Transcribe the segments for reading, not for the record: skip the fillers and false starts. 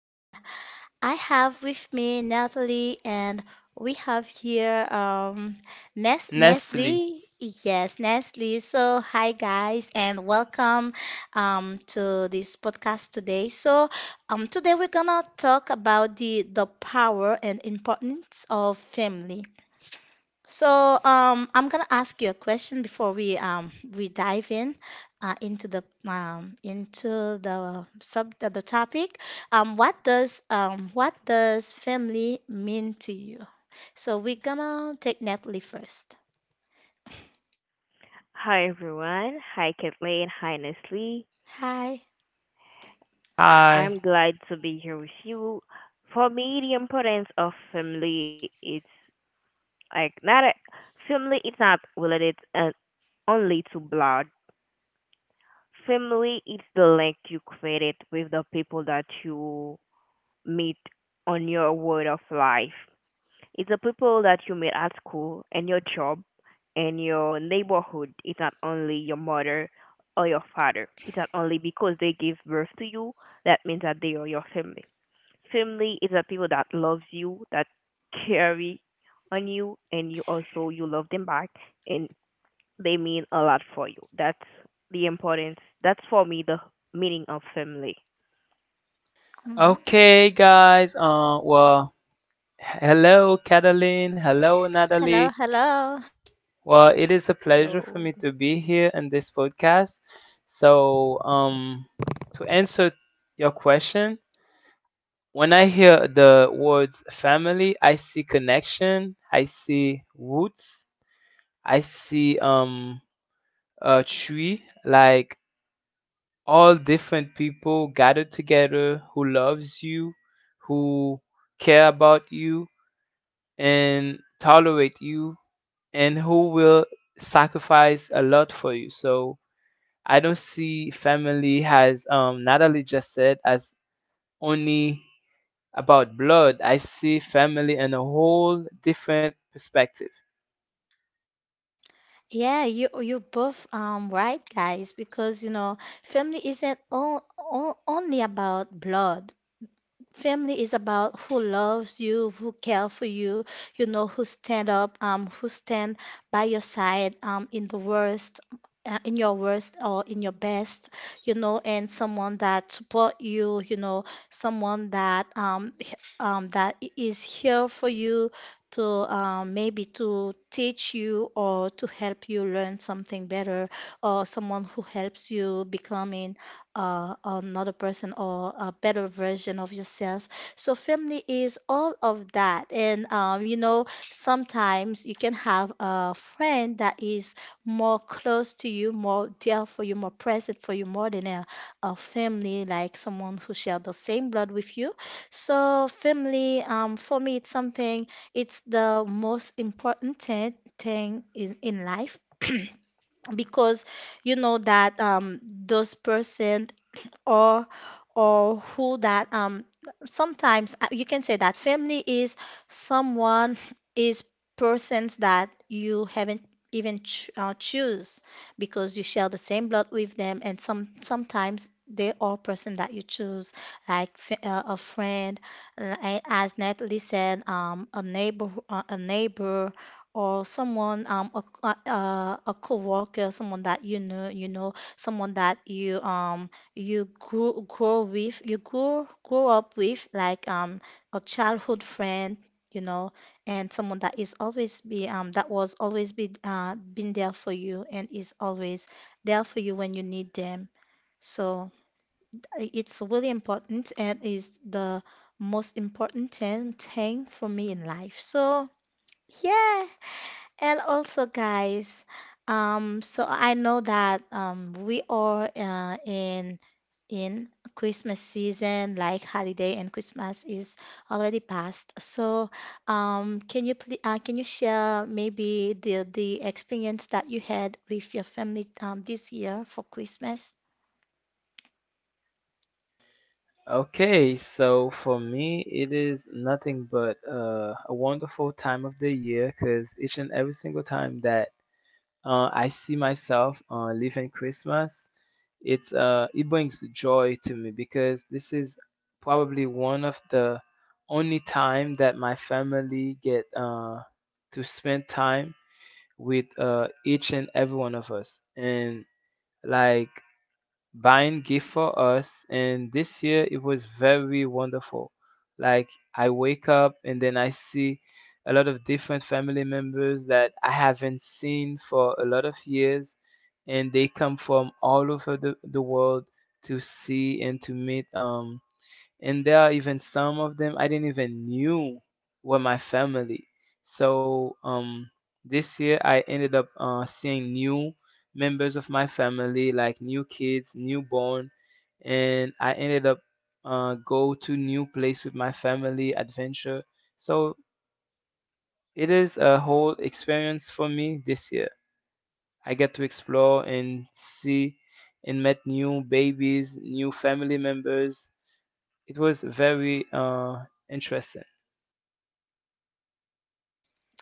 and I have with me Natalie, and we have here Nestle. Yes, Nestle. So hi guys, and welcome to this podcast today. So today we're gonna talk about the power and importance of family. So, I'm gonna ask you a question before we we dive in into the into the topic. What does family mean to you? So we're gonna take Natalie first. Hi everyone. Hi Kathleen. Hi Nestle. Hi. I'm glad to be here with you. For me, the importance of family is like not a, family is not related only to blood. Family is the link you created with the people that you meet on your world of life. It's the people that you meet at school and your job in your neighborhood. Is not only your mother or your father. It's not only because they give birth to you that means that they are your family. Family is the people that loves you, that carry on you, and you also you love them back, and they mean a lot for you. That's the importance. That's for me the meaning of family. Mhm. Hello, hello. Hello. Yeah, you both right, guys, because you know family isn't all only about blood. Family is about who loves you, who care for you, you know, who stand up, who stand by your side, in the worst, in your worst or in your best, you know, and someone that support you, you know, someone that that is here for you to maybe to teach you or to help you learn something better, or someone who helps you becoming another person or a better version of yourself. So family is all of that. And you know, sometimes you can have a friend that is more close to you, more dear for you, more present for you, more than a family, like someone who share the same blood with you. So family, for me, it's something, it's the most important thing in life because you know that those person or or who that sometimes you can say that family is someone is persons that you haven't even ch choose because you share the same blood with them and sometimes they are person that you choose like a friend, as Natalie said, a neighbor, a neighbor, or someone, a coworker, someone that you know, someone that you grew grow with you grow up with, like a childhood friend, you know, and someone that is always be that was always be been there for you and is always there for you when you need them. So it's really important and is the most important thing for me in life, so yeah. And also guys, I know that we are in Christmas season, like holiday, and Christmas is already past. So, can you please, can you share maybe the experience that you had with your family this year for Christmas?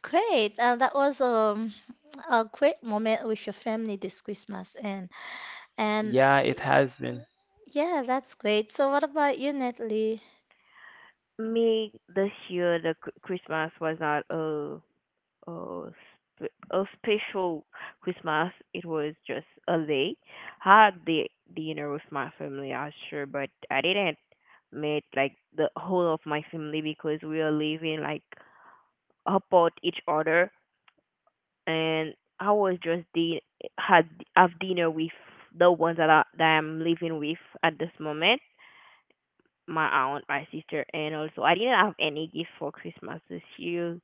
Great. That was a great moment with your family this Christmas, and yeah, that's great. So, what about you, Natalie? Me, this year the Christmas was not a a special Christmas. It was just a day. Had the dinner with my family, I sure, but I didn't meet like the whole of my family because we are living like apart each other, and I was just the had have dinner with the ones that I'm living with at this moment. My aunt, my sister, and also I didn't have any gift for Christmas this year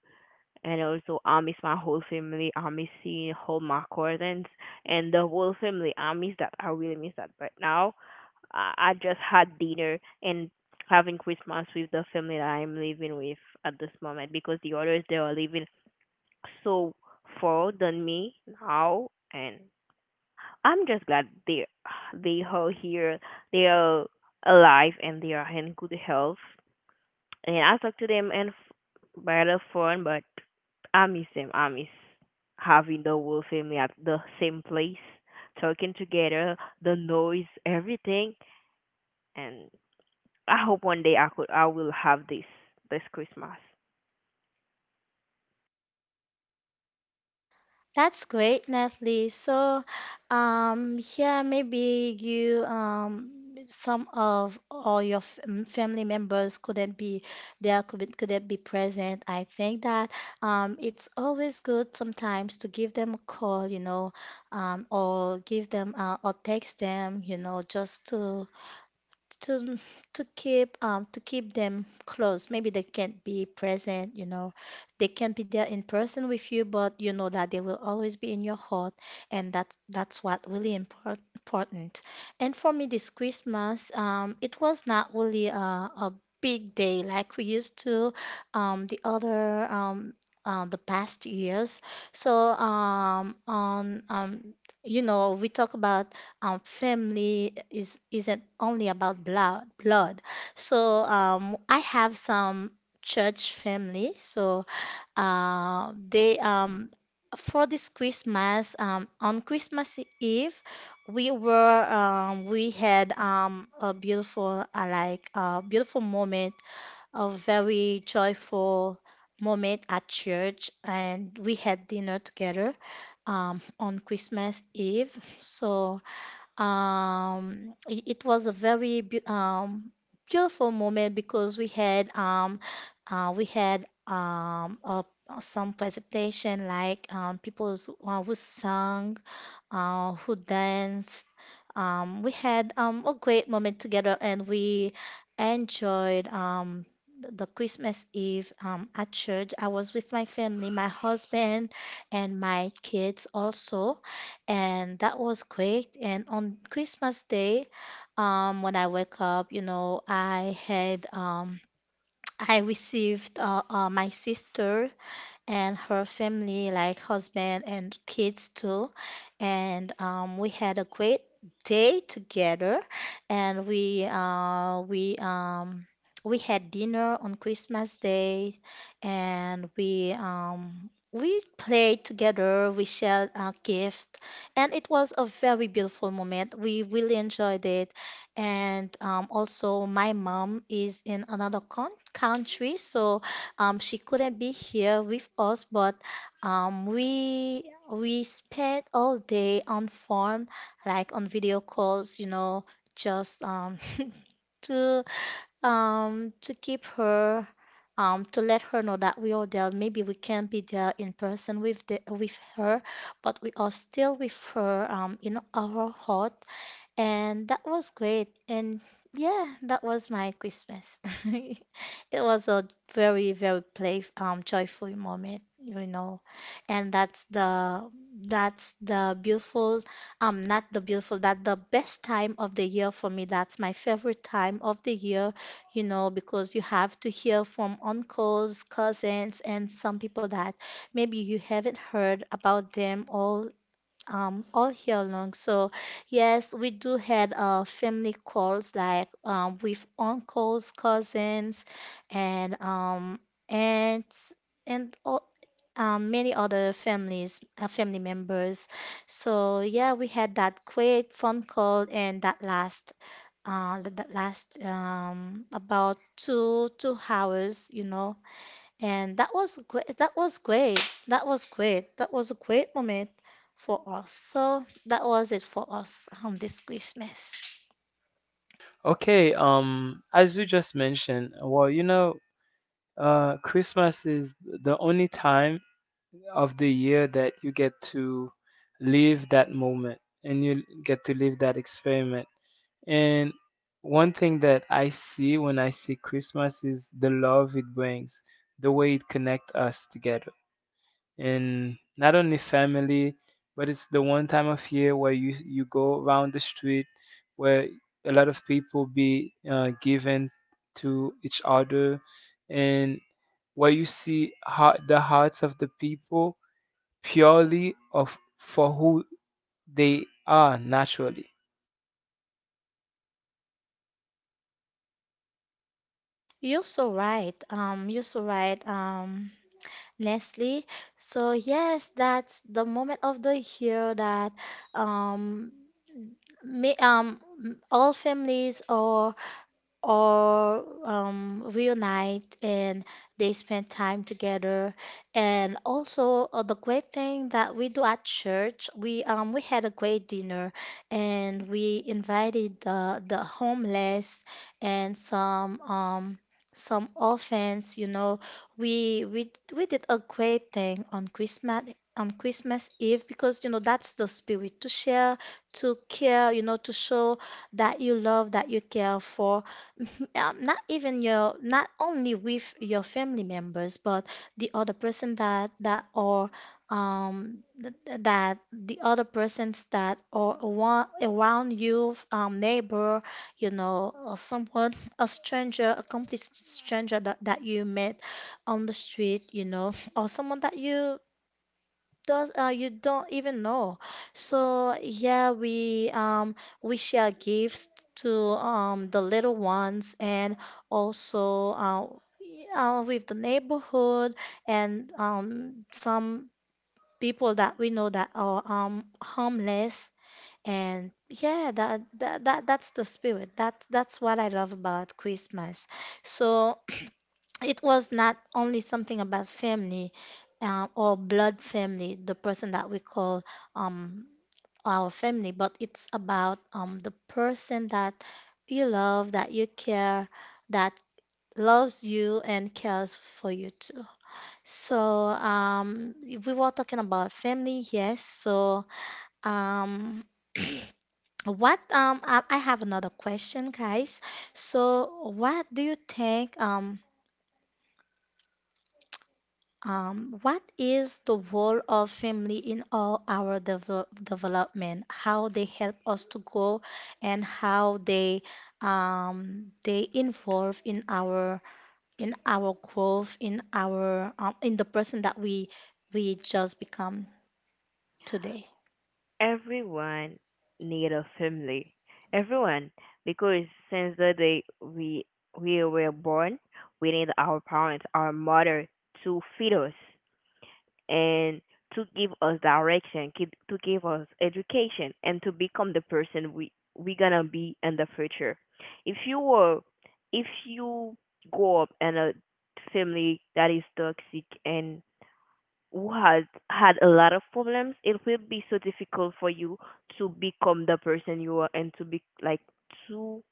and also Amis, my whole family, Amis seeing whole my cousins and the whole family. I miss that. I really miss that. But now, I just had dinner and having Christmas with the family that I'm living with at this moment because the others they are living so far than me now, and I'm just glad they are here. They are alive and they are in good health. Yeah, I talk to them, by the phone, but I miss them. I miss having the whole family at the same place, talking together, the noise, everything. And I hope one day I could, I will have this this Christmas. That's great, Natalie. So, yeah, maybe you, some of all your family members couldn't be there, couldn't be present. I think that, it's always good sometimes to give them a call, you know, or give them, or text them, you know, just to to keep them close. Maybe they can't be present, you know. They can't be there in person with you, but you know that they will always be in your heart, and that's what really important. And for me this Christmas, it was not really a big day like we used to um the other um the past years. So on you know we talk about, family is isn't only about blood, so I have some church family, so they for this Christmas, on Christmas Eve, we had, a beautiful like a beautiful moment, a very joyful moment at church, and we had dinner together, on Christmas Eve. So it was a very beautiful moment because we had, we had, um, some presentation like, people who sang, who danced. We had, a great moment together, and we enjoyed, the Christmas Eve, at church. I was with my family, my husband, and my kids also. And that was great. And on Christmas Day, when I wake up, you know, I had. I received my sister and her family, like husband and kids too. And we had a great day together, and we had dinner on Christmas Day, and we played together. We shared our gifts, and it was a very beautiful moment. We really enjoyed it. And also, my mom is in another con country, so she couldn't be here with us, but um, we we spent all day on phone, like on video calls, you know, just to to keep her to let her know that we are there. Maybe we can't be there in person with the with her, but we are still with her in our heart, and that was great. And yeah, that was my Christmas. It was a very joyful moment, you know. And that's the beautiful, not the beautiful, that the best time of the year for me. That's my favorite time of the year, you know, because you have to hear from uncles, cousins, and some people that maybe you haven't heard about them all year long. So yes, we do had family calls like with uncles, cousins, and aunts and all, many other families, family members. So yeah, we had that great phone call and that last about two hours, you know. And that was great. That was great. That was great. That was a great moment for us. So that was it for us, this Christmas. You're so right. Leslie. So yes, that's the moment of the year that, um, me, um, all families are, or reunite and they spend time together. And also, the great thing that we do at church, we had a great dinner and we invited the homeless and some orphans. You know, we did a great thing on Christmas Eve, because you know that's the spirit to share, to care, you know, to show that you love, that you care for, not only with your family members, but the other person that that or th- th- that the other persons that are around, you, neighbor, you know, or someone, a stranger, a complete stranger that you met on the street, you know, or someone that you don't even know. So yeah, we share gifts to the little ones, and also with the neighborhood, and some people that we know that are homeless. And yeah, that's the spirit. That's what I love about Christmas. So it was not only something about family, or blood family, the person that we call, um, our family, but it's about, the person that you love, that you care, that loves you and cares for you too. So if we were talking about family, yes. So um, what I have another question, guys. So what do you think what is the role of family in all our development? How they help us to grow and how they, they involve in our growth, in our, in the person that we just become today. Everyone need a family. Everyone, because since the day we were born, we need our parents, our mother to feed us, and to give us direction, to give us education, and to become the person we gonna be in the future. If you were, if you grow up in a family that is toxic and who has had a lot of problems, it will be so difficult for you to become the person you are and to be like to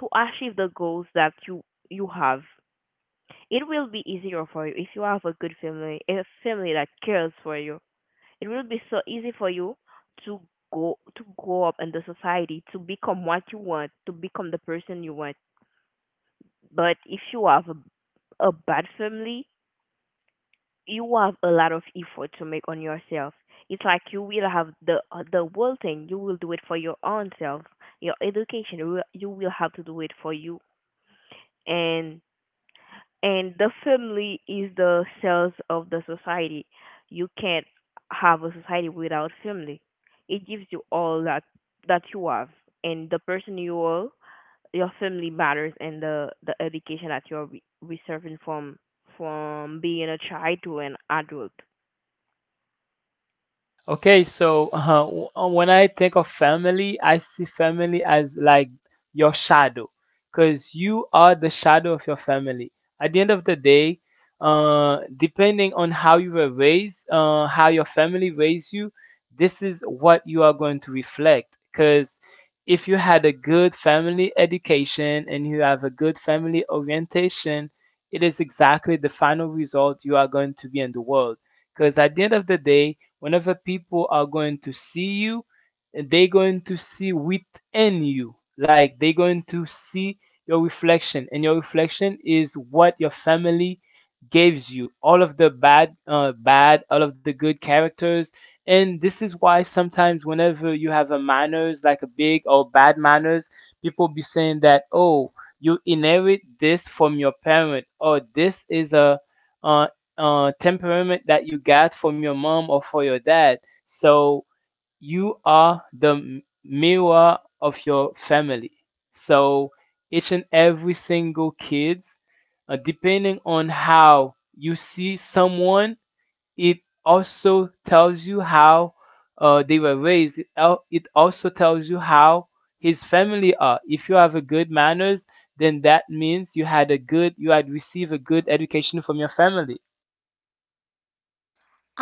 to achieve the goals that you have. It will be easier for you if you have a good family, a family that cares for you. It will be so easy for you to go to grow up in the society, to become what you want, to become the person you want. But if you have a bad family, you have a lot of effort to make on yourself. It's like you will have the whole thing. You will do it for your own self, your education. You will have to do it for you, and and the family is the cells of the society. You can't have a society without family. It gives you all that you have, and the person you are, your family matters, and the education that you're receiving from being a child to an adult.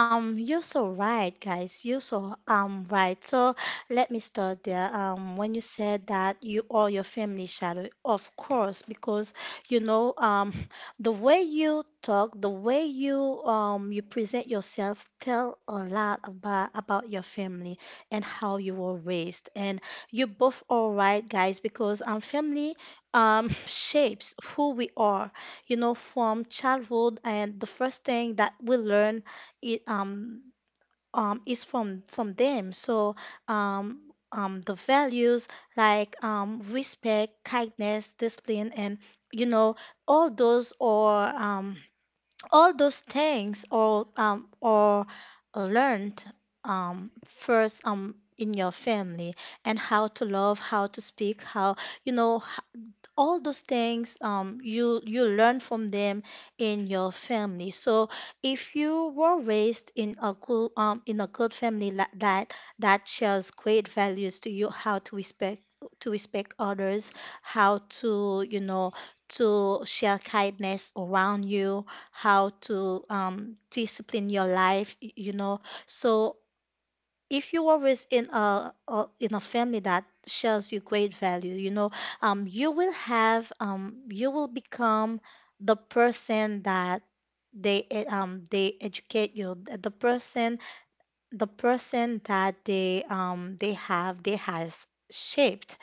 You're so right, guys. You're so right. So let me start there. When you said that you all your family shadow, of course, because you know the way you talk, the way you present yourself tell a lot about your family and how you were raised. And you both all right, guys, because family shapes who we are. You know, from childhood, and the first thing that we learn it is from them. So um the values like, respect, kindness, discipline, and you know all those, or all those things, or learned, first, in your family, and how to love, how to speak, how, you know, all those things, you you learn from them in your family. So if you were raised in a good family like that that shares great values to you, how to respect others, how to to share kindness around you, how to discipline your life, So if you are within a in a family that shows you great value, you know, you will have you will become the person that they educate you, the person the person that they has shaped.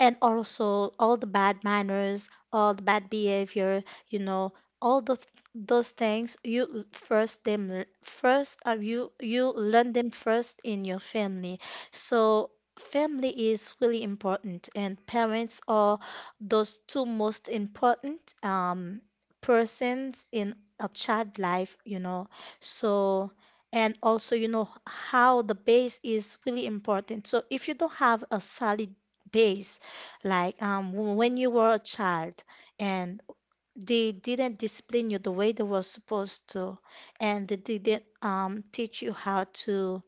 And also all the bad manners, all the bad behavior, you know all those things you l- first them first you you learn them first in your family. So family is really important and parents are those two most important persons in a child life, you know. So and also you know how the base is really important, so if you don't have a solid base, like when you were a child and they didn't discipline you the way they were supposed to, and they didn't teach you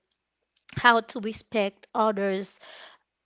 how to respect others,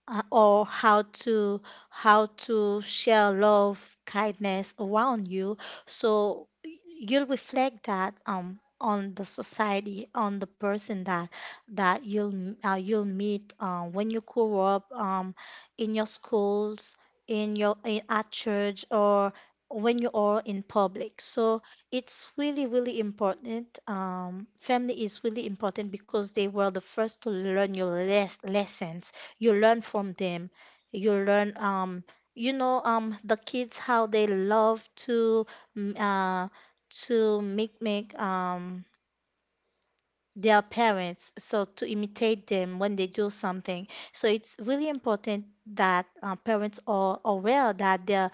or how to share love, kindness around you. So you'll reflect that on the society, on the person that that you'll you'll meet when you grow up in your schools, at church, or when you are in public. So it's really, really important. Family is really important because they were the first to learn your lessons. You learn from them, you learn the kids, how they love to mm, uh to make their parents, so to imitate them when they do something. So it's really important that parents are aware that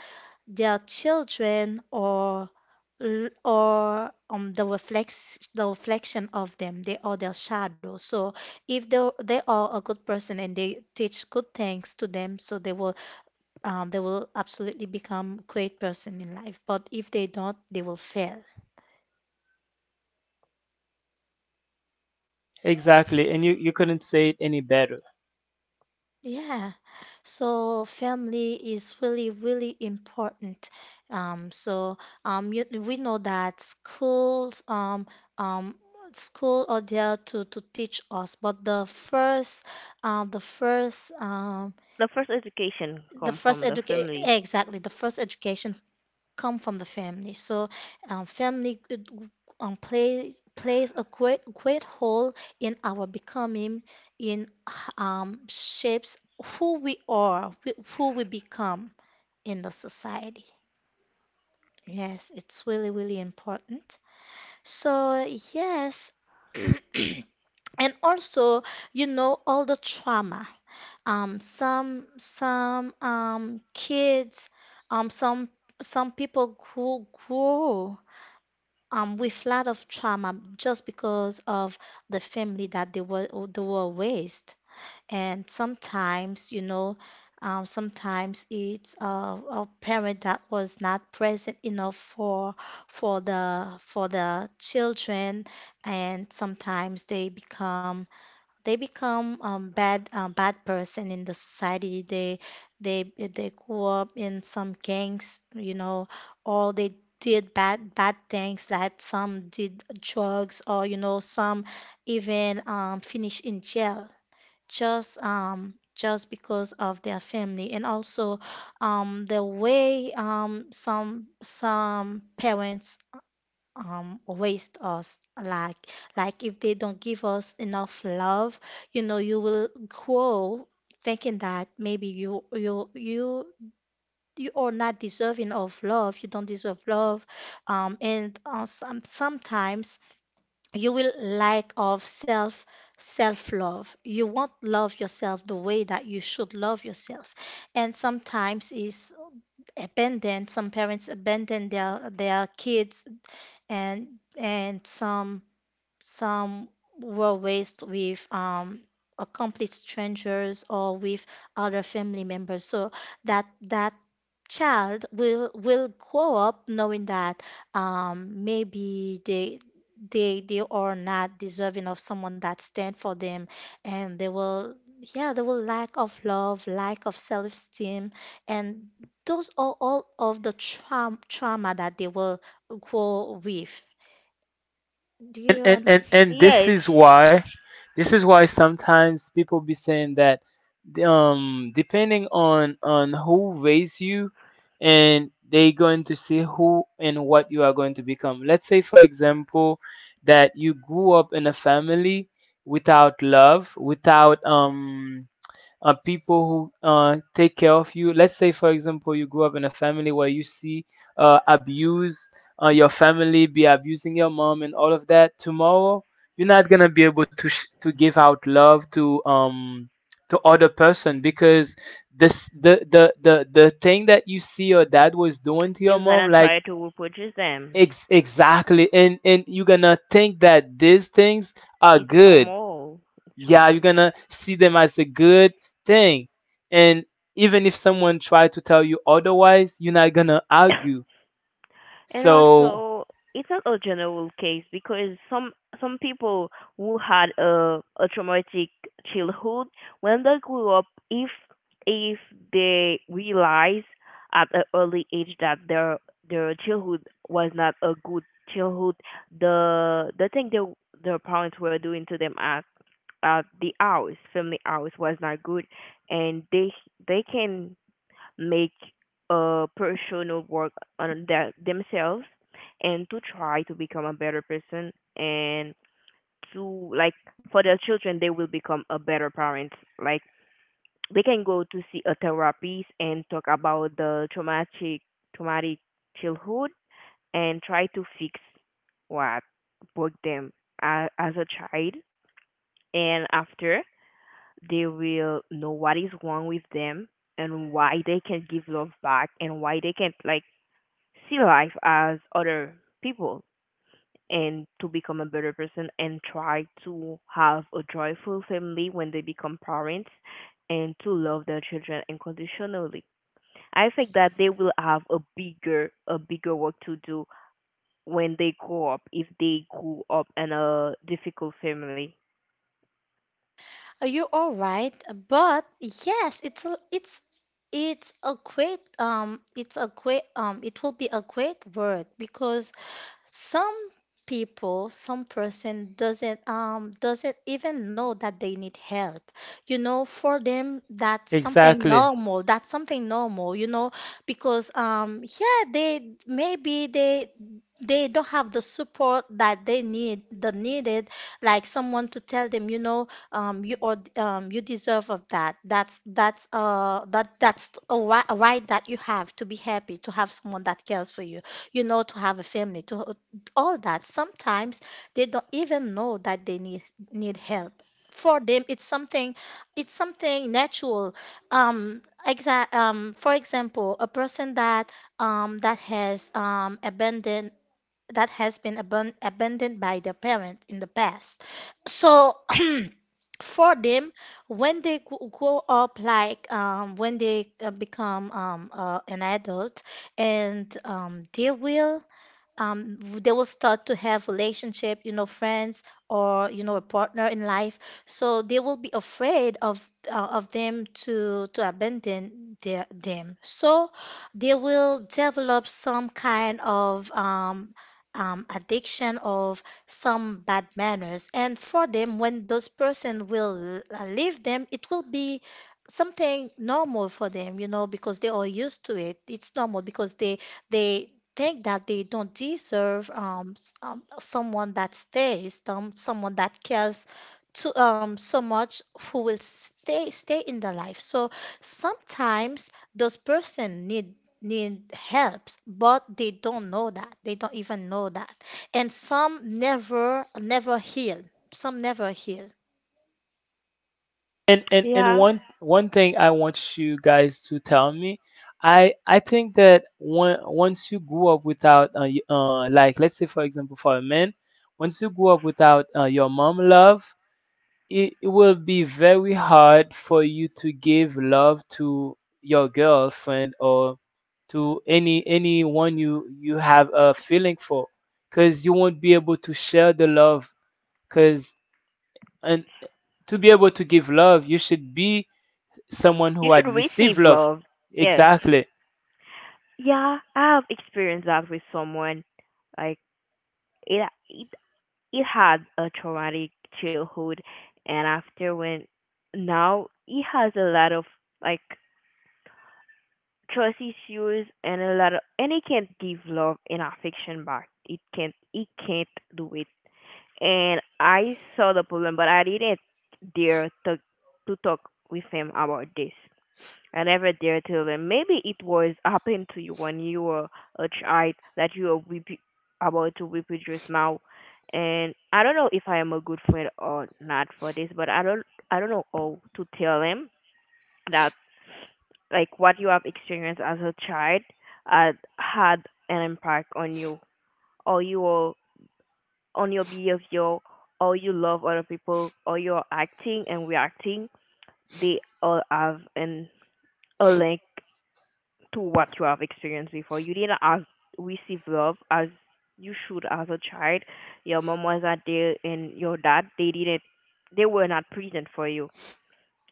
their children or the reflection of them, they are their shadow. So if they are a good person and they teach good things to them, so they will absolutely become great person in life, but if they don't, they will fail. Yeah. So family is really, really important. So you, we know that schools um, school are there to teach us, but the first um, the first um, The first education the come first from the education, family. exactly, the first education come from the family. So family could, plays a great role in our becoming, in shapes who we are, who we become in the society. Yes, it's really, really important. So yes. And also, you know, all the trauma. Some kids, um some some people who grow with lot of trauma just because of the family that they were they were raised. And sometimes, you know, sometimes it's a parent that was not present enough for for the children, and sometimes they become bad person in the society. They they grew up in some gangs, you know, or they did bad things, that some did drugs, or you know, some even finish in jail, just because of their family. And also the way some parents waste us, like if they don't give us enough love, you know, you will grow thinking that maybe you you are not deserving of love, you don't deserve love. And some, sometimes you will lack of self self love, you won't love yourself the way that you should love yourself. And sometimes is abandoned, some parents abandon their kids, and and some were raised with a complete strangers, or with other family members. So that that child will grow up knowing that maybe they are not deserving of someone that stand for them, and they will, yeah, they will lack of love, lack of self-esteem. And those are all of the trauma that they will grow with. Do you. Yes, you're gonna try to reproduce them. It's normal. It's normal. And also, it's not a general case because some people who had a traumatic childhood, when they grew up, if if they realize at an early age that their childhood was not a good childhood, the thing their parents were doing to them at the house, family house, was not good, and they can make a personal work on their, themselves, and to try to become a better person, and to like, for their children, they will become a better parents. Like, they can go to see a therapist and talk about the traumatic childhood and try to fix what broke them as a child. And after, they will know what is wrong with them, and why they can give love back, and why they can like see life as other people, and to become a better person and try to have a joyful family when they become parents, and to love their children unconditionally. I think that they will have a bigger work to do when they grow up if they grew up in a difficult family. Are you all right? But yes, it's a, it's it's a great it will be a great word, because some people, some person doesn't even know that they need help. You know, for them, that's something normal. That's something normal, you know, because yeah, they, maybe they don't have the support that they need, the needed, like someone to tell them, you know, you deserve of that, that's that that's a right that you have to be happy to have someone that cares for you, you know, to have a family to all that. Sometimes they don't even know that they need need help. For them, it's something natural. For example, a person that that has abandoned that has been abandoned by their parent in the past. So for them, when they grow up, like when they become an adult, and they will start to have relationship, you know, friends, or you know, a partner in life. So they will be afraid of them to abandon their, them. So they will develop some kind of addiction of some bad manners. And for them, when those person will leave them, it will be something normal for them, you know, because they are used to it. It's normal because they think that they don't deserve someone that stays, someone that cares to so much who will stay in their life. So sometimes those person need need helps, but they don't know that. They don't even know that. And some never heal. Some never heal. Yeah. You should receive love. Yes. Yeah, I have experienced that with someone. Like it it. He had a traumatic childhood, and after, when now he has a lot of like trust issues and a lot of, and he can't give love and affection back. It can't he can't do it. And I saw the problem but I didn't dare to talk with him about this. I never dare tell them. Maybe it was happened to you when you were a child that you are about to weep it just now. And I don't know if I am a good friend or not for this, but I don't know how to tell them that, like, what you have experienced as a child had an impact on you, or your on your behavior, or you love other people, or you're acting and reacting. They all have an a link to what you have experienced before. You didn't ask, receive love as you should as a child. Your mom was not there, and your dad they didn't, they were not present for you,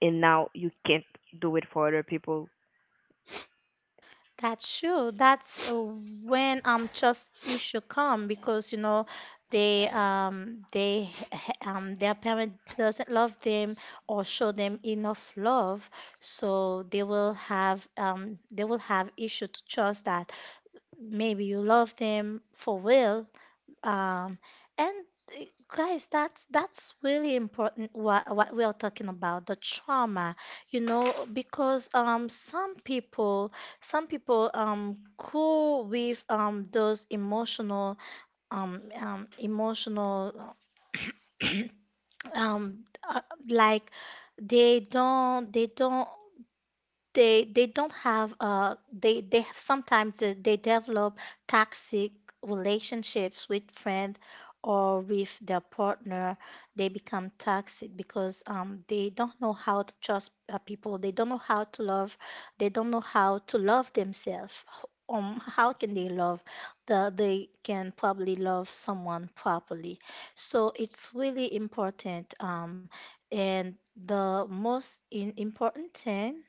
and now you can't do it for other people. That's true. That's when trust issue come because you know they their parent doesn't love them or show them enough love, so they will have issue to trust that maybe you love them for real. Um, and uh, guys, that's really important what we are talking about, the trauma, you know, because some people go with those emotional emotional um uh, like they don't they don't have they have, sometimes they develop toxic relationships with friend or with their partner. They become toxic because they don't know how to trust people, they don't know how to love, they don't know how to love themselves. How can they love they can probably love someone properly. So it's really important, and the most important thing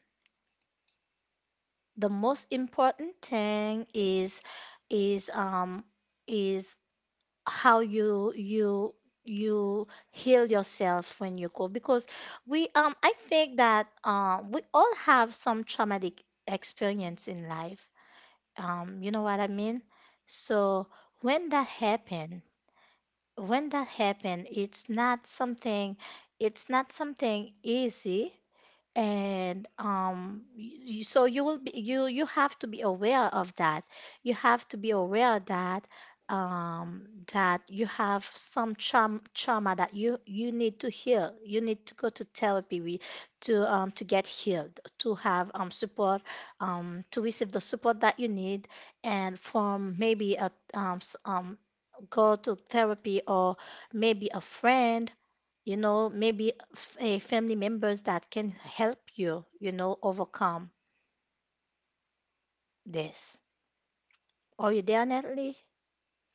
the most important thing is um is how you heal yourself when you go, because we I think that we all have some traumatic experience in life. You know what I mean? So when that happen, when that happen, it's not something, it's not something easy. And um y- so you will be, you have to be aware of that, you have to be aware that um that you have some trauma, that you need to heal, you need to go to therapy, we to get healed, to have support, to receive the support that you need. And from maybe go to therapy, or maybe a friend, you know, maybe a family members that can help you, you know, overcome this. Are you there, Natalie?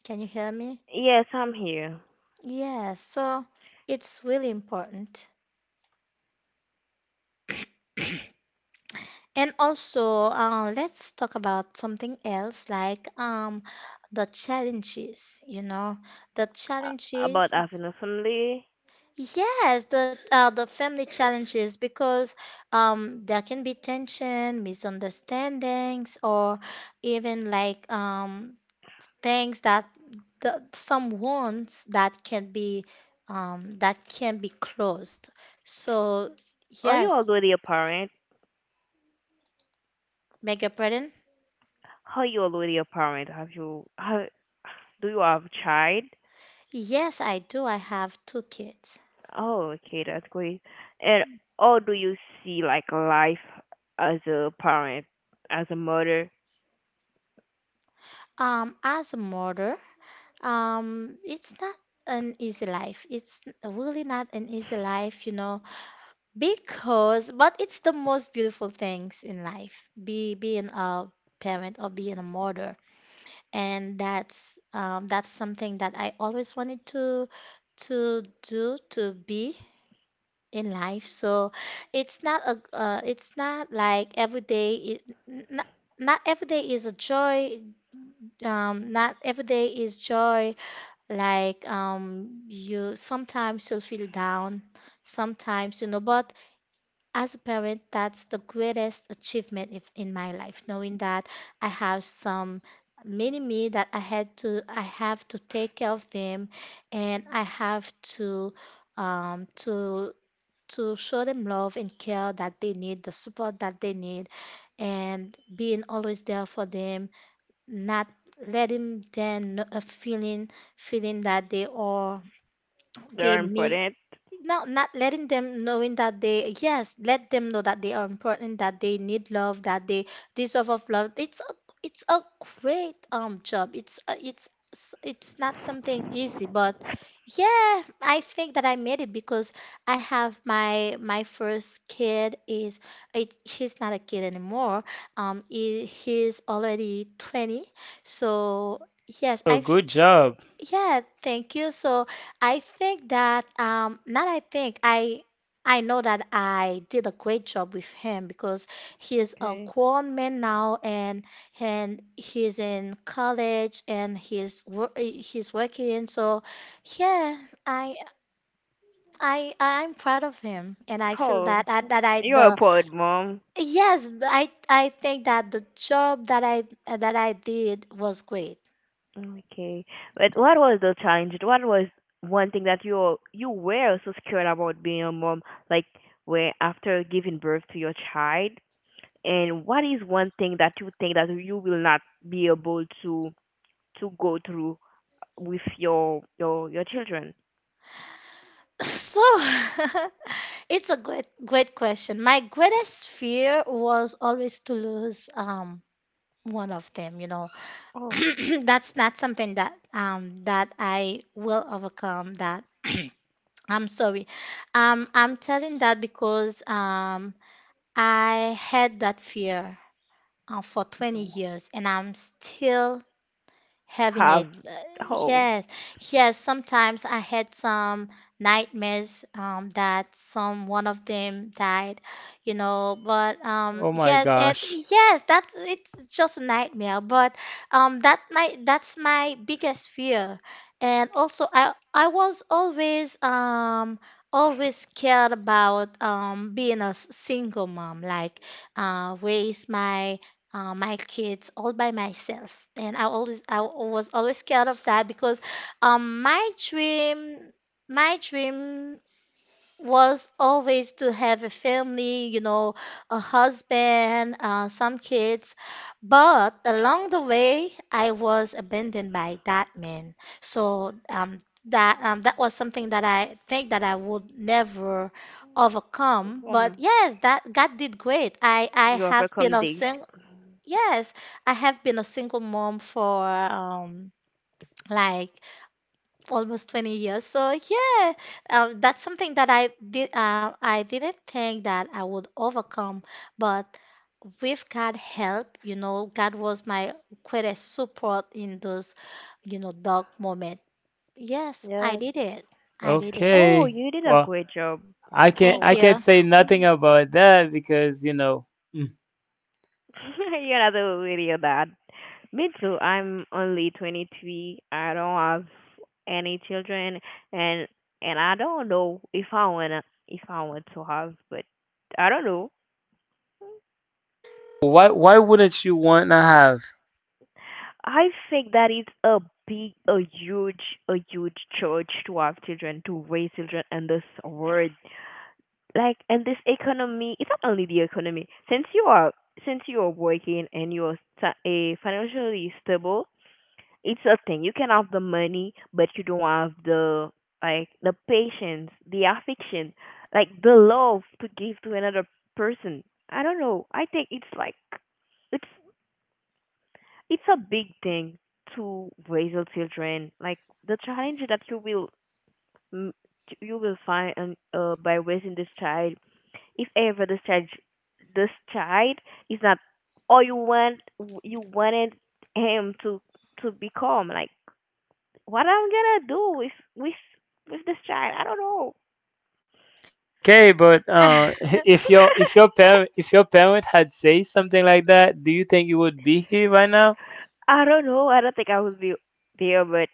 Can you hear me? Yes, I'm here. Yes, so it's really important. And also, let's talk about something else, like the challenges, you know, the About challenges. having a family, Yes, the family challenges, because there can be tension, misunderstandings, or even like things that the, some wounds that can be closed. So are you yes, already a parent? beg your pardon. Are you already a parent? Do you have a child? Yes, I do. I have two kids. Oh, okay, that's great. And or do you see like life as a parent, as a mother? As a mother, it's not an easy life. It's really not an easy life, you know, because but it's the most beautiful things in life. Be being a parent or being a mother. And that's something that I always wanted to do, to be in life. So it's not a it's not like every day it, not, not every day is a joy. Not every day is joy. Like you, sometimes you'll feel down, sometimes, you know. But as a parent, that's the greatest achievement if, in my life, knowing that I have some mini me that I I have to take care of them, and I have um, to to show them love and care that they need, the support that they need, and being always there for them, not letting them know, feeling that they are they They're miss, important. no, not letting them knowing that they, yes, let them know that they are important, that they need love, that they deserve of love. It's a great job. It's a, it's s- it's not something easy, but yeah, I think that I made it because I have my first kid, he's not a kid anymore. He's already 20. So yes, Oh, I good job. yeah, thank you. So I think that not I think I know that I did a great job with him because he is a Okay. grown man now and he's in college and he's working. So yeah, I I'm proud of him and I feel that Oh, that, that I you're a the poet, mom. yes, I think that the job that I did was great. Okay. But what was the challenge? What was one thing that you were so scared about being a mom, like, where after giving birth to your child? And what is one thing that you think that you will not be able to go through with your your children? So, it's a great, great question. My greatest fear was always to lose one of them, you know. Oh, That's not something that I will overcome that. I'm sorry. I'm telling that because I had that fear for 20 years and I'm still have, heaviness. Oh, Yes, yes. Sometimes I had some nightmares, that some one of them died, you know. But Oh my yes, and gosh. yes, that's it's just a nightmare. But that's my biggest fear. And also, I was always always scared about being a single mom. Like, where is my kids all by myself. And I was always scared of that because, um, my dream my dream was always to have a family, you know, a husband, some kids. But along the way, I was abandoned by that man. That was something that I think that I would never overcome. But come. yes, that God did great. I You have been overcome a this? sing Yes, I have been a single mom for like almost 20 years. So yeah, that's something that I did I didn't think that I would overcome, but with God help, you know, God was my greatest support in those, you know, dark moment. Yes, I Yes. did it. I did it. Oh, Okay. you did a Well, great job. I Oh, can't Thank wow. I you. can't say nothing about that because, you know, mm, You're not a video dad. Me too. I'm only 23. I don't have any children, and and I don't know if I wanna if I want to have, but I don't know. why wouldn't you want to have? I think that it's big, a huge, a huge church to have children, to raise children in this world. Like, and this economy, it's not only the economy. Since you are working and you are financially stable, it's a thing. You can have the money, but you don't have the, like, the patience, the affection, like, the love to give to another person. I don't know, I think it's like, it's it's a big thing to raise your children, like the challenge that you will, mm, you will find, by raising this child. If ever this child is not all you want, you wanted him to become. Like, what I'm gonna do with with this child? I don't know. Okay, but if your if your parent if your parent had say something like that, do you think you would be here right now? I don't know. I don't think I will be there, but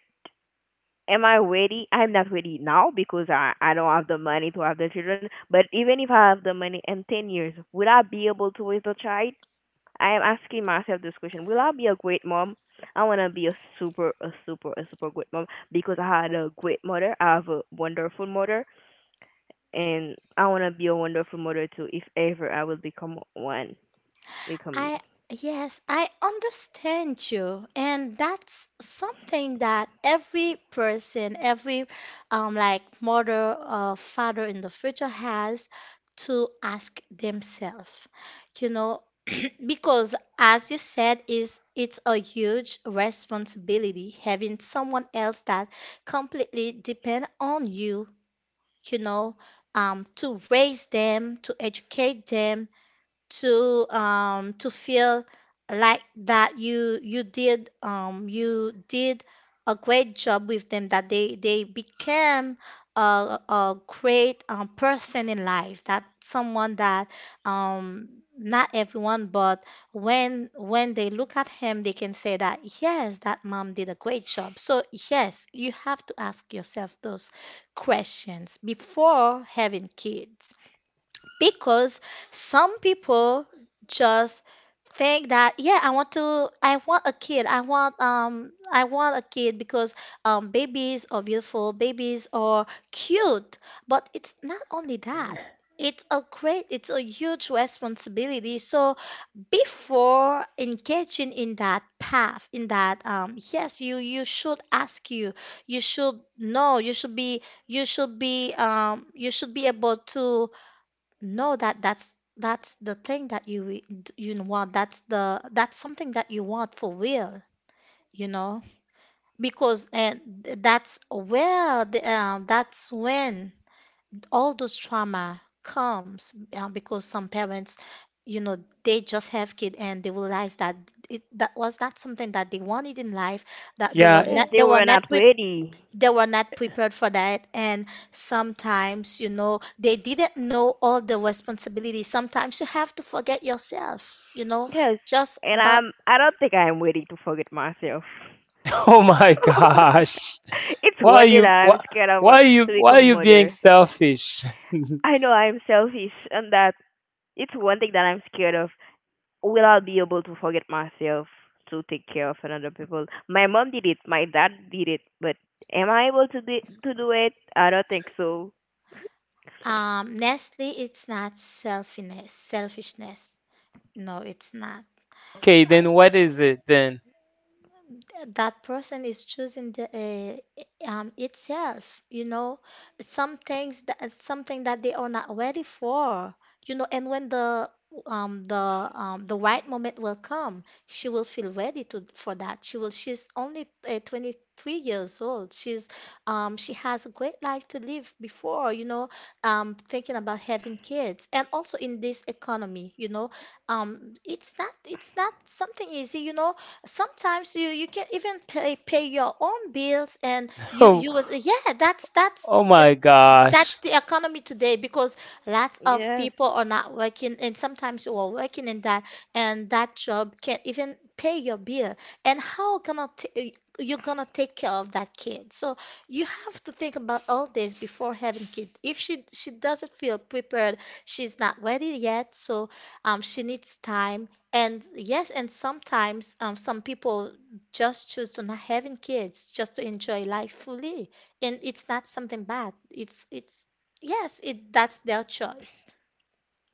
am I ready? I'm not ready now because I don't have the money to have the children. But even if I have the money in 10 years, would I be able to raise a child? I am asking myself this question: will I be a great mom? I wanna be a super great mom because I had a great mother. I have a wonderful mother, and I wanna be a wonderful mother too. If ever I will become one, become. I, yes, I understand you. And that's something that every person, every like mother or father in the future has to ask themselves. You know, because as you said, is it's a huge responsibility having someone else that completely depend on you, you know, to raise them, to educate them, to feel like that you did a great job with them, that they became a, a great, person in life, that someone that um not everyone, but when they look at him they can say that, yes, that mom did a great job. So yes, you have to ask yourself those questions before having kids because some people just think that, yeah, I want a kid, I want a kid because, babies are beautiful, babies are cute, but it's not only that. It's a great it's a huge responsibility. So before engaging in that path, in that, yes, you should ask you you should know, you should be, you should be, you should be able to no, that's the thing that you know want. That's the that's something that you want for real, you know, because and that's where that's when all those trauma comes, because some parents, you know, they just have kid and they realize that it that was not something that they wanted in life. That they Yeah. were Yes, not, they they were were not not pre ready. they were not prepared for that. And sometimes, you know, they didn't know all the responsibilities. Sometimes you have to forget yourself, you know, Yes, just and about. I'm, I don't think I am ready to forget myself. Oh my gosh. It's Why are one thing that you why I'm scared of, to why become are a you being mother. selfish? I know I'm selfish, and that it's one thing that I'm scared of. Will I be able to forget myself to take care of another people? My mom did it, my dad did it, but am I able to do it? I don't think so. Nestle, it's not selfishness, no, it's not. Okay, then what is it then? That person is choosing the uh, itself, you know, something that they are not ready for, you know. And when the right moment will come, she will feel ready to for that. She will she's only 23 years old. She's she has a great life to live before, you know, thinking about having kids. And also in this economy, you know, it's not something easy, you know. Sometimes you can even pay your own bills and Oh, you was, yeah, oh my gosh. that's the economy today because lots of Yes. people are not working and sometimes you are working in that and that job can't even pay your bill. And you're gonna take care of that kid. So you have to think about all this before having kid. If she doesn't feel prepared, she's not ready yet. So, she needs time. And yes, and sometimes, some people just choose to not having kids just to enjoy life fully. And it's not something bad. It's Yes, it that's their choice,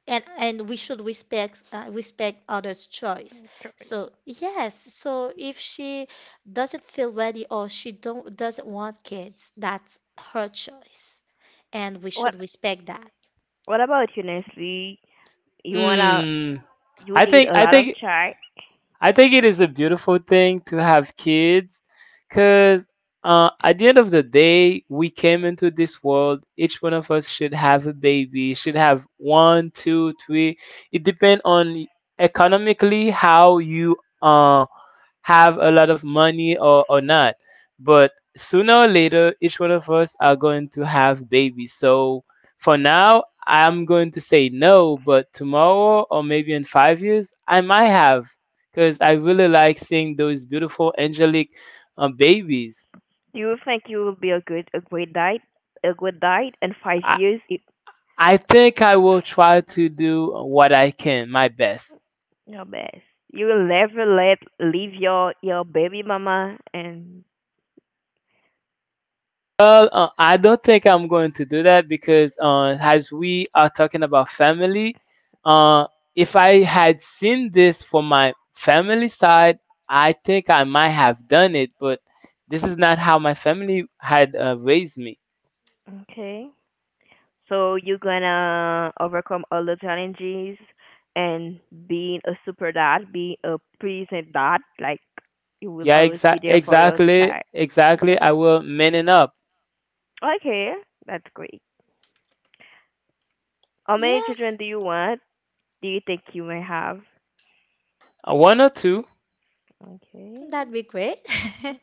and we should respect others' choice. So yes, so if she doesn't feel ready or she don't doesn't want kids, that's her choice, and we What? should respect that. What about you, Nestle? You wanna, Mm. you I need think a I lot of think chai. I think it is a beautiful thing to have kids cuz at the end of the day, we came into this world. Each one of us should have a baby. Should have one, two, three. It depends on economically how you uh, have a lot of money, or not. But sooner or later, each one of us are going to have babies. So for now, I'm going to say no, but tomorrow or maybe in 5 years, I might have, because I really like seeing those beautiful angelic babies. Do you think you will be a great diet, a good diet in five I, years? It, I think I will try to do what I can, my best. your best. You will never let leave your baby mama, and Well, I don't think I'm going to do that because as we are talking about family, uh, if I had seen this for my family side, I think I might have done it. But this is not how my family had raised me. okay. So you're gonna overcome all the challenges and being a super dad, being a present dad, like you will Yeah, always be there for your exactly, child exactly. children. I will man it up. Okay, that's great. How many Yeah, children do you want? Do you think you may have? One or two, Okay. that'd be great.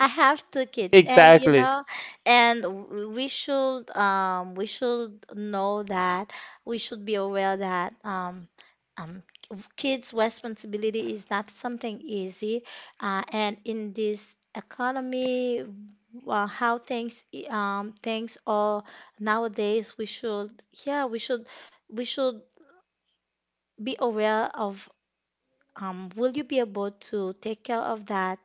I have two kids, and you exactly. know, and we should know that we should be aware that um kids' responsibility is not something easy, and in this economy, well, things are nowadays. We should, yeah, we should be aware of, will you be able to take care of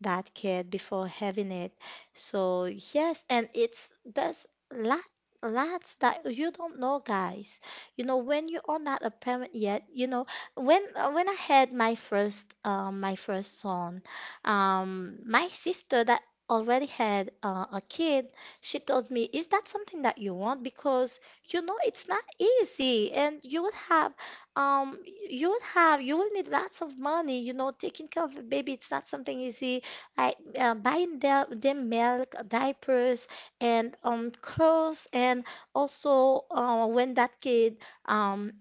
that kid before having it? So yes, and it's that's lot lots that you don't know, guys. You know when you are not a parent yet. You know when I had my first son, my sister that already had, a kid, she told me, "Is that something that you want? Because you know it's not easy, and you will have." um you will have, you will need lots of money, you know. Taking care of a baby, it's not something easy. Like, buying their, them milk, diapers and clothes, and also, when that kid, um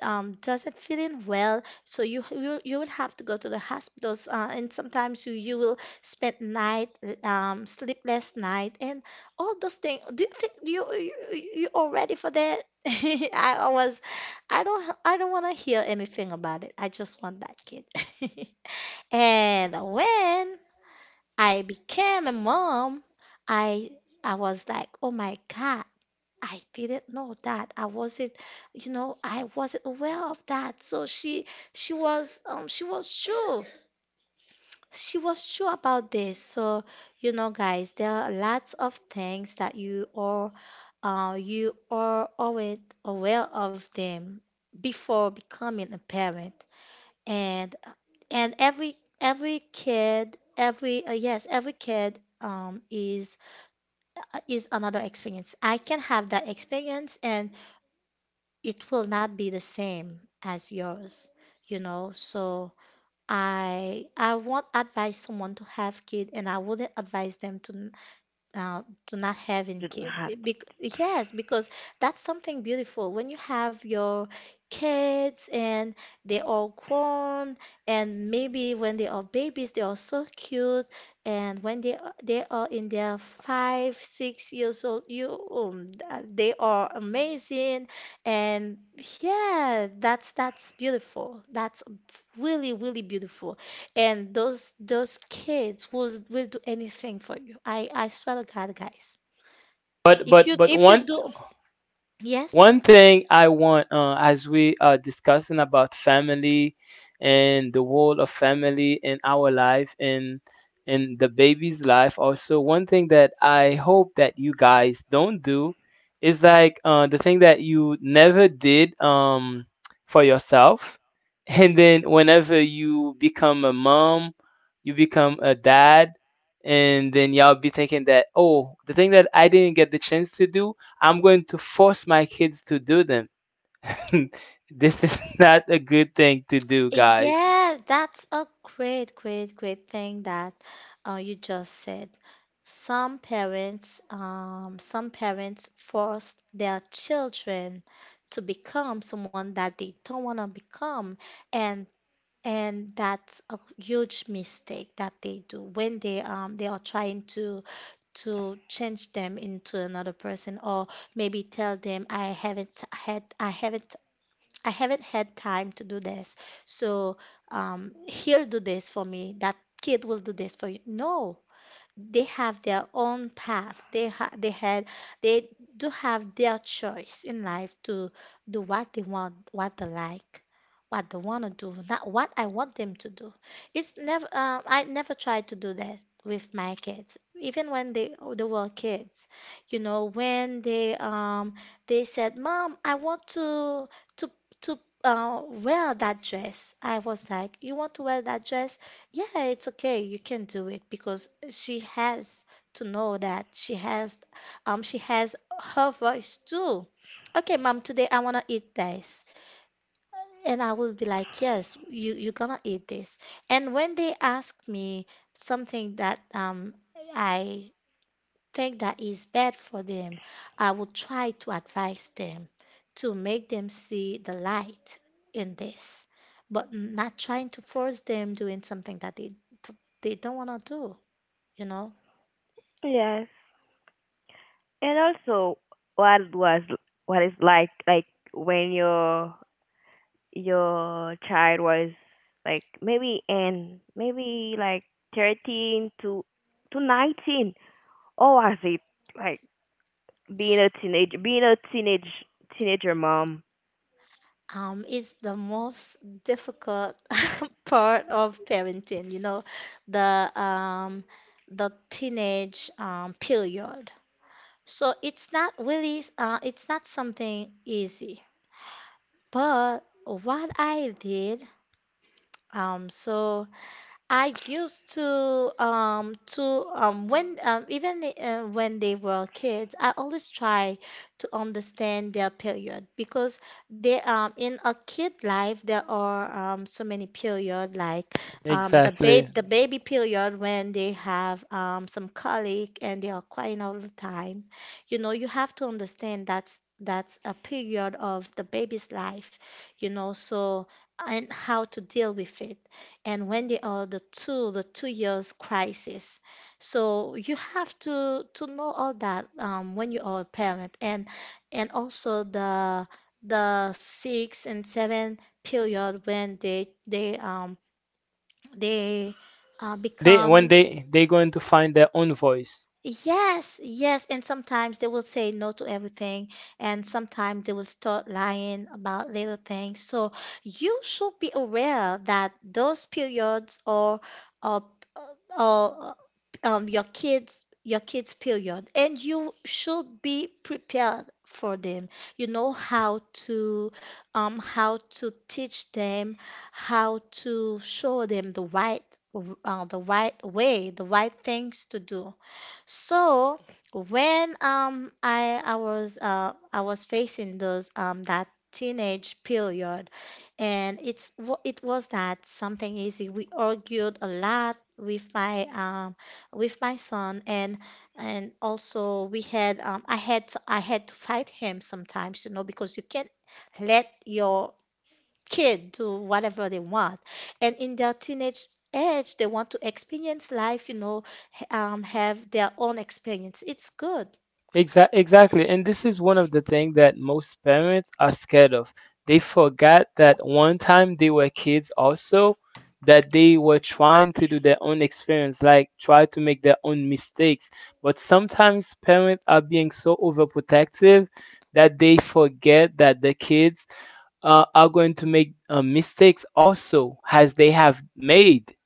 doesn't feeling well, so you will have to go to the hospitals, and sometimes you will spend night sleepless night, and all those things, do you think you are ready for that? I I was I don't want to hear anything about it. I just want that kid. And when I became a mom, I I was like, "Oh my God, I didn't know that. I wasn't, you know, I wasn't aware of that." So she was um she was true she was sure about this. So, you know, guys, there are lots of things that you are always aware of them before becoming a parent. And and every kid, every yes, every kid is another experience. I can have that experience and it will not be the same as yours, you know. So I won't advise someone to have kid, and I wouldn't advise them to not having Didn't kid. have Eh, to. Bec Yes, because that's something beautiful when you have your kids and they are grown, and maybe when they are babies, they are so cute, and they are in their 5, 6 years old, they are amazing, and yeah, that's beautiful. That's really, really beautiful. And those kids will do anything for you. I swear to God, guys. But but but If you one do, yes. one thing I want, as we are discussing about family and the role of family in our life and in the baby's life, also one thing that I hope that you guys don't do is like the thing that you never did for yourself, and then whenever you become a mom, you become a dad, and then y'all be thinking that, oh, the thing that I didn't get the chance to do, I'm going to force my kids to do them. This is not a good thing to do, guys. Yeah, that's a great, great, great thing that you just said. Some parents force their children to become someone that they don't want to become, and and that's a huge mistake that they do when they are trying to change them into another person or maybe tell them I haven't had time to do this. So, he'll do this for me. That kid will do this for you. No, they have their own path. They ha they had they do have their choice in life to do what they want, what they like, what they want to do, not what I want them to do. It's never I never tried to do that with my kids. Even when they were kids, you know, when they said, "Mom, I want to to wear that dress." I was like, "You want to wear that dress? Yeah, it's okay. You can do it because she has to know that she has her voice too. Okay, mom, today I wanna eat this." And I will be like, yes, you're gonna eat this. And when they ask me something that I think that is bad for them, I will try to advise them to make them see the light in this, but not trying to force them doing something that they don't want to do, you know? Yes. And also what was, what is like, when you're your child was like maybe in maybe like 13 to 19, or was it like being a teenage teenager mom? It's the most difficult part of parenting, you know, the um the teenage period. So it's not really it's not something easy. But what I did Um, so I used to when they were kids, I always try to understand their period because they in a kid life there are so many period like Exactly. The baby period when they have some colic and they are crying all the time. You know, you have to understand that's a period of the baby's life, you know, so and how to deal with it and when they are the 2 years crisis, so you have to know all that, when you are a parent. And also the six and seven period when they They when become. They going to find their own voice. Yes, yes, and sometimes they will say no to everything, and sometimes they will start lying about little things. So you should be aware that those periods or, or your kids period, and you should be prepared for them. You know to how to teach them, how to show them the right way, the right things to do. So when I was facing those that teenage period, and it was not something easy. We argued a lot with my son, and also we had I had to fight him sometimes, you know, because you can't let your kid do whatever they want. And in their teenage age, they want to experience life, you know, have their own experience. It's good. Exactly. And this is one of the things that most parents are scared of. They forgot that one time they were kids also, that they were trying to do their own experience, like try to make their own mistakes. But sometimes parents are being so overprotective that they forget that the kids are going to make mistakes also, as they have made.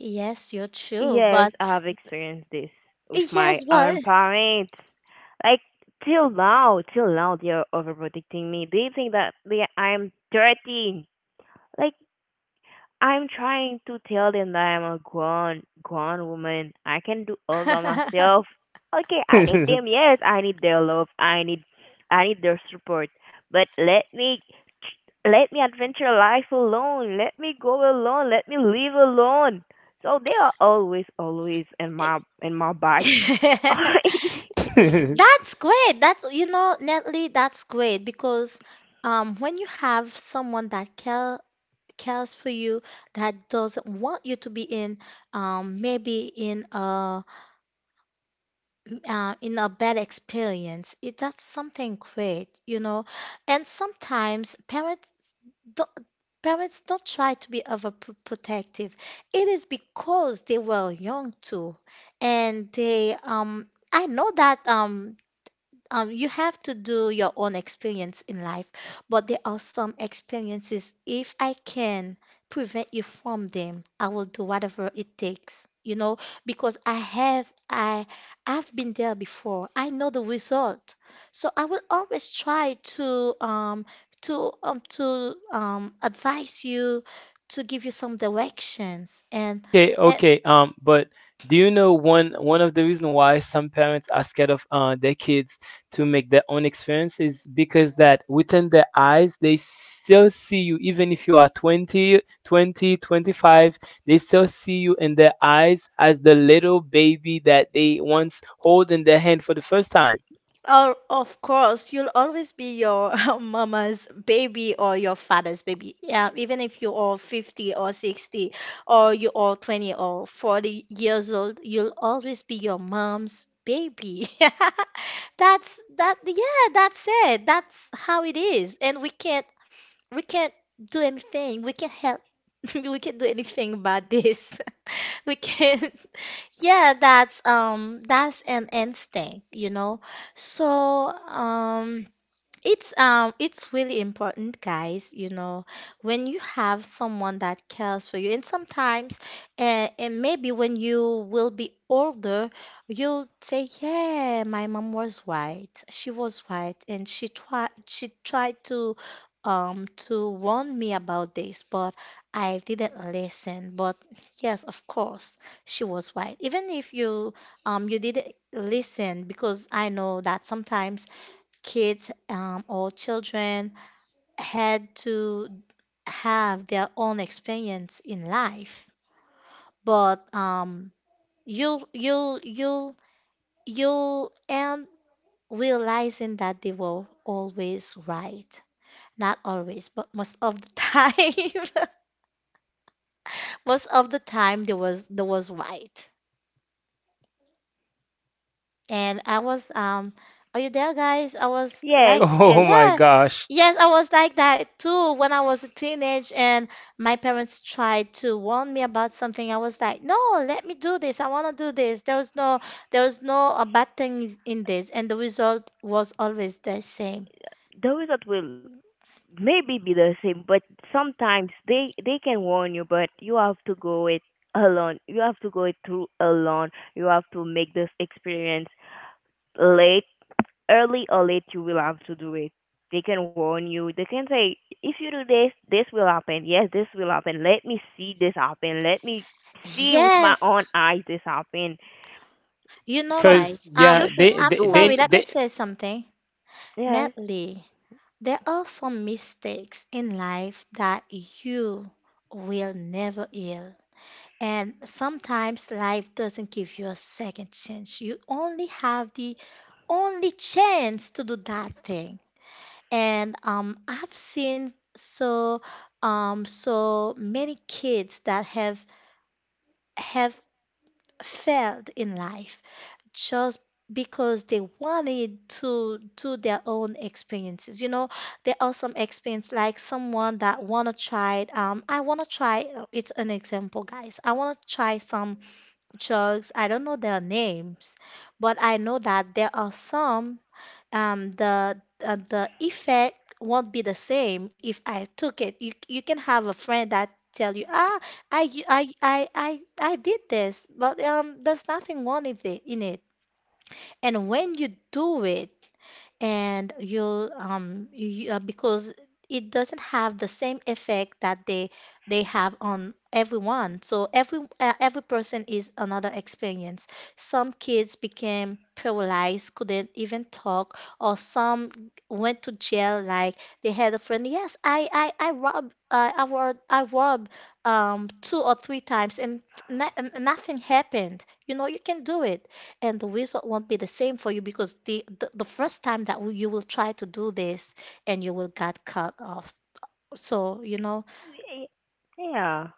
Yes, you're true, Yes, but I've experienced this with my yes, but own parents. Like, till now, till now they're overprotecting me, they think that they I'm 13. Like, I'm trying to tell them that I'm a grown woman. I can do all by myself. Okay, I need them. Yes, I need their love. I need their support. But let me adventure life alone. Let me go alone. Let me live alone. So they are always always in my bag. that's great. That's, you know, Natalie, that's great because when you have someone that cares for you, that doesn't want you to be in, maybe in a bad experience, it does something great, you know. And sometimes don't, parents don't try to be overprotective. It is because they were young too, and they. I know that you have to do your own experience in life, but there are some experiences, if I can prevent you from them, I will do whatever it takes, you know, because I've been there before. I know the result. So I will always try to, advise you, to give you some directions, and Okay, and. okay. But do you know one of the reason why some parents are scared of their kids to make their own experience is because that within their eyes they still see you even if you are 20, 20, 25. They still see you in their eyes as the little baby that they once hold in their hand for the first time. Oh, of course, you'll always be your mama's baby or your father's baby. Yeah, even if you are 50 or 60 or you are 20 or 40 years old, you'll always be your mom's baby. That's that, yeah, that's it. That's how it is. And we can't do anything. We can't help. We can't do anything about this. We can't yeah, that's an instinct, you know. So, it's really important, guys, you know, when you have someone that cares for you. And sometimes, and maybe when you will be older, you'll say, "Yeah, my mom was right. She was right and she tried to warn me about this, but I didn't listen. But yes, of course, she was right. Even if you you didn't listen because I know that sometimes kids, or children, had to have their own experience in life. But you'll you'll you'll you'll end realizing that they were always right. Not always, but most of the time. Most of the time, they was right. And I was, are you there guys? I was Yes, like, Oh yes. my yeah. gosh. Yes, I was like that too when I was a teenage, and my parents tried to warn me about something. I was like, "No, let me do this. I want to do this." There was no a bad thing in this, and the result was always the same. Those that will maybe be the same, but sometimes they can warn you, but you have to go it alone. You have to go it through alone. You have to make this experience late, early or late. You will have to do it. They can warn you. They can say, if you do this, this will happen. Yes, this will happen. Let me see this happen. Let me see with my Yes, own eyes this happen. you know Some Cause guys. You yeah, should I'm do it. sorry, let me they say something. Yes, Natalie, there are some mistakes in life that you will never heal. And sometimes life doesn't give you a second chance. You only have the only chance to do that thing. And I've seen so so many kids that have failed in life just because they wanted to do their own experiences. You know, there are some experience like someone that wanna try. I wanna try. It's an example, guys. I wanna try some drugs. I don't know their names, but I know that there are some. The effect won't be the same if I took it. You can have a friend that tell you, ah, I did this, but there's nothing wrong in it. And when you do it, because it doesn't have the same effect that they have on everyone. So every person is another experience. Some kids became paralyzed, couldn't even talk, or some went to jail. Like, they had a friend, yes, I rob two or three times and no- nothing happened, you know. You can do it, and the result won't be the same for you because the first time that you will try to do this, and you will get cut off. So, you know, yeah,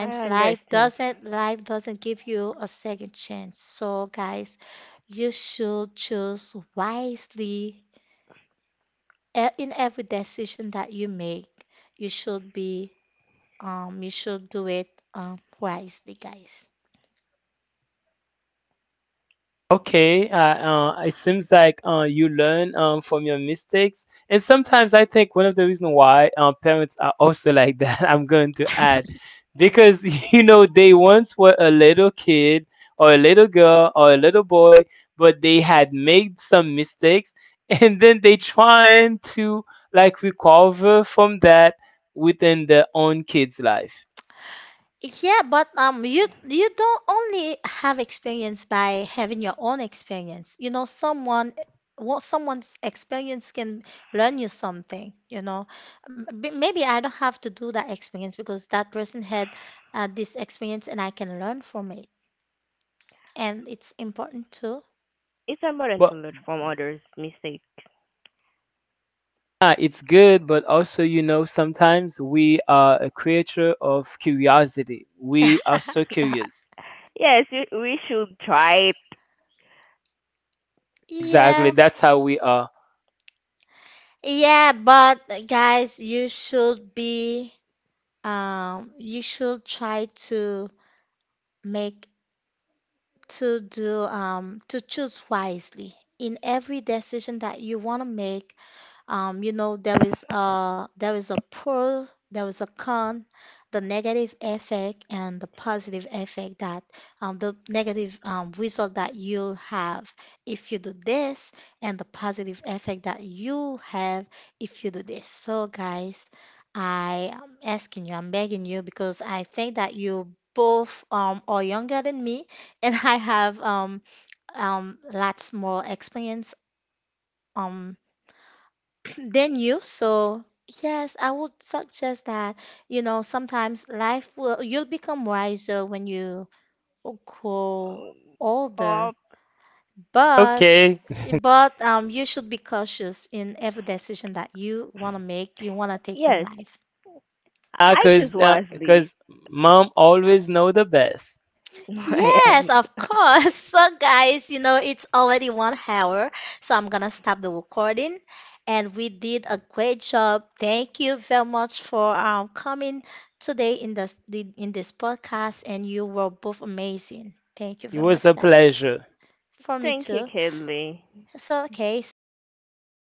I understand. Life doesn't give you a second chance. So, guys, you should choose wisely, in every decision that you make. You should be, you should do it wisely, guys. okay, it seems like you learn from your mistakes, and sometimes I think one of the reasons why parents are also like that. I'm going to add, because you know they once were a little kid or a little girl or a little boy, but they had made some mistakes, and then they trying to like recover from that within their own kid's life. Yeah, but you, you don't only have experience by having your own experience. You know, someone, what someone's experience can learn you something. You know, maybe I don't have to do that experience because that person had, this experience, and I can learn from it, and it's important too. It's important But to learn from others' mistakes. yeah, it's good, but also, you know, sometimes we are a creature of curiosity. We are so curious. Yes, we should try. Exactly, Yeah, that's how we are. yeah, but guys, you should be, you should try to make to do to choose wisely in every decision that you want to make. You know, there is a, pro, there is a con, the negative effect and the positive effect that, the negative, result that you'll have if you do this, and the positive effect that you'll have if you do this. So, guys, I am asking you, I'm begging you because I think that you both, are younger than me, and I have, lots more experience. Um, than you. So yes, I would suggest that, you know, sometimes you'll become wiser when you grow um, older, Cop. but Okay, you should be cautious in every decision that you want to make, you want to take in Yes, life. I because choose uh, wisely. 'cause mom always know the best. I am. Yes, of course. So, guys, you know, it's already 1 hour, so I'm gonna stop the recording. And we did a great job. Thank you very much for, coming today in this podcast, and you were both amazing. Thank you It very was much, a guys. pleasure. For me Thank you, too. Kelly. So, okay, so I just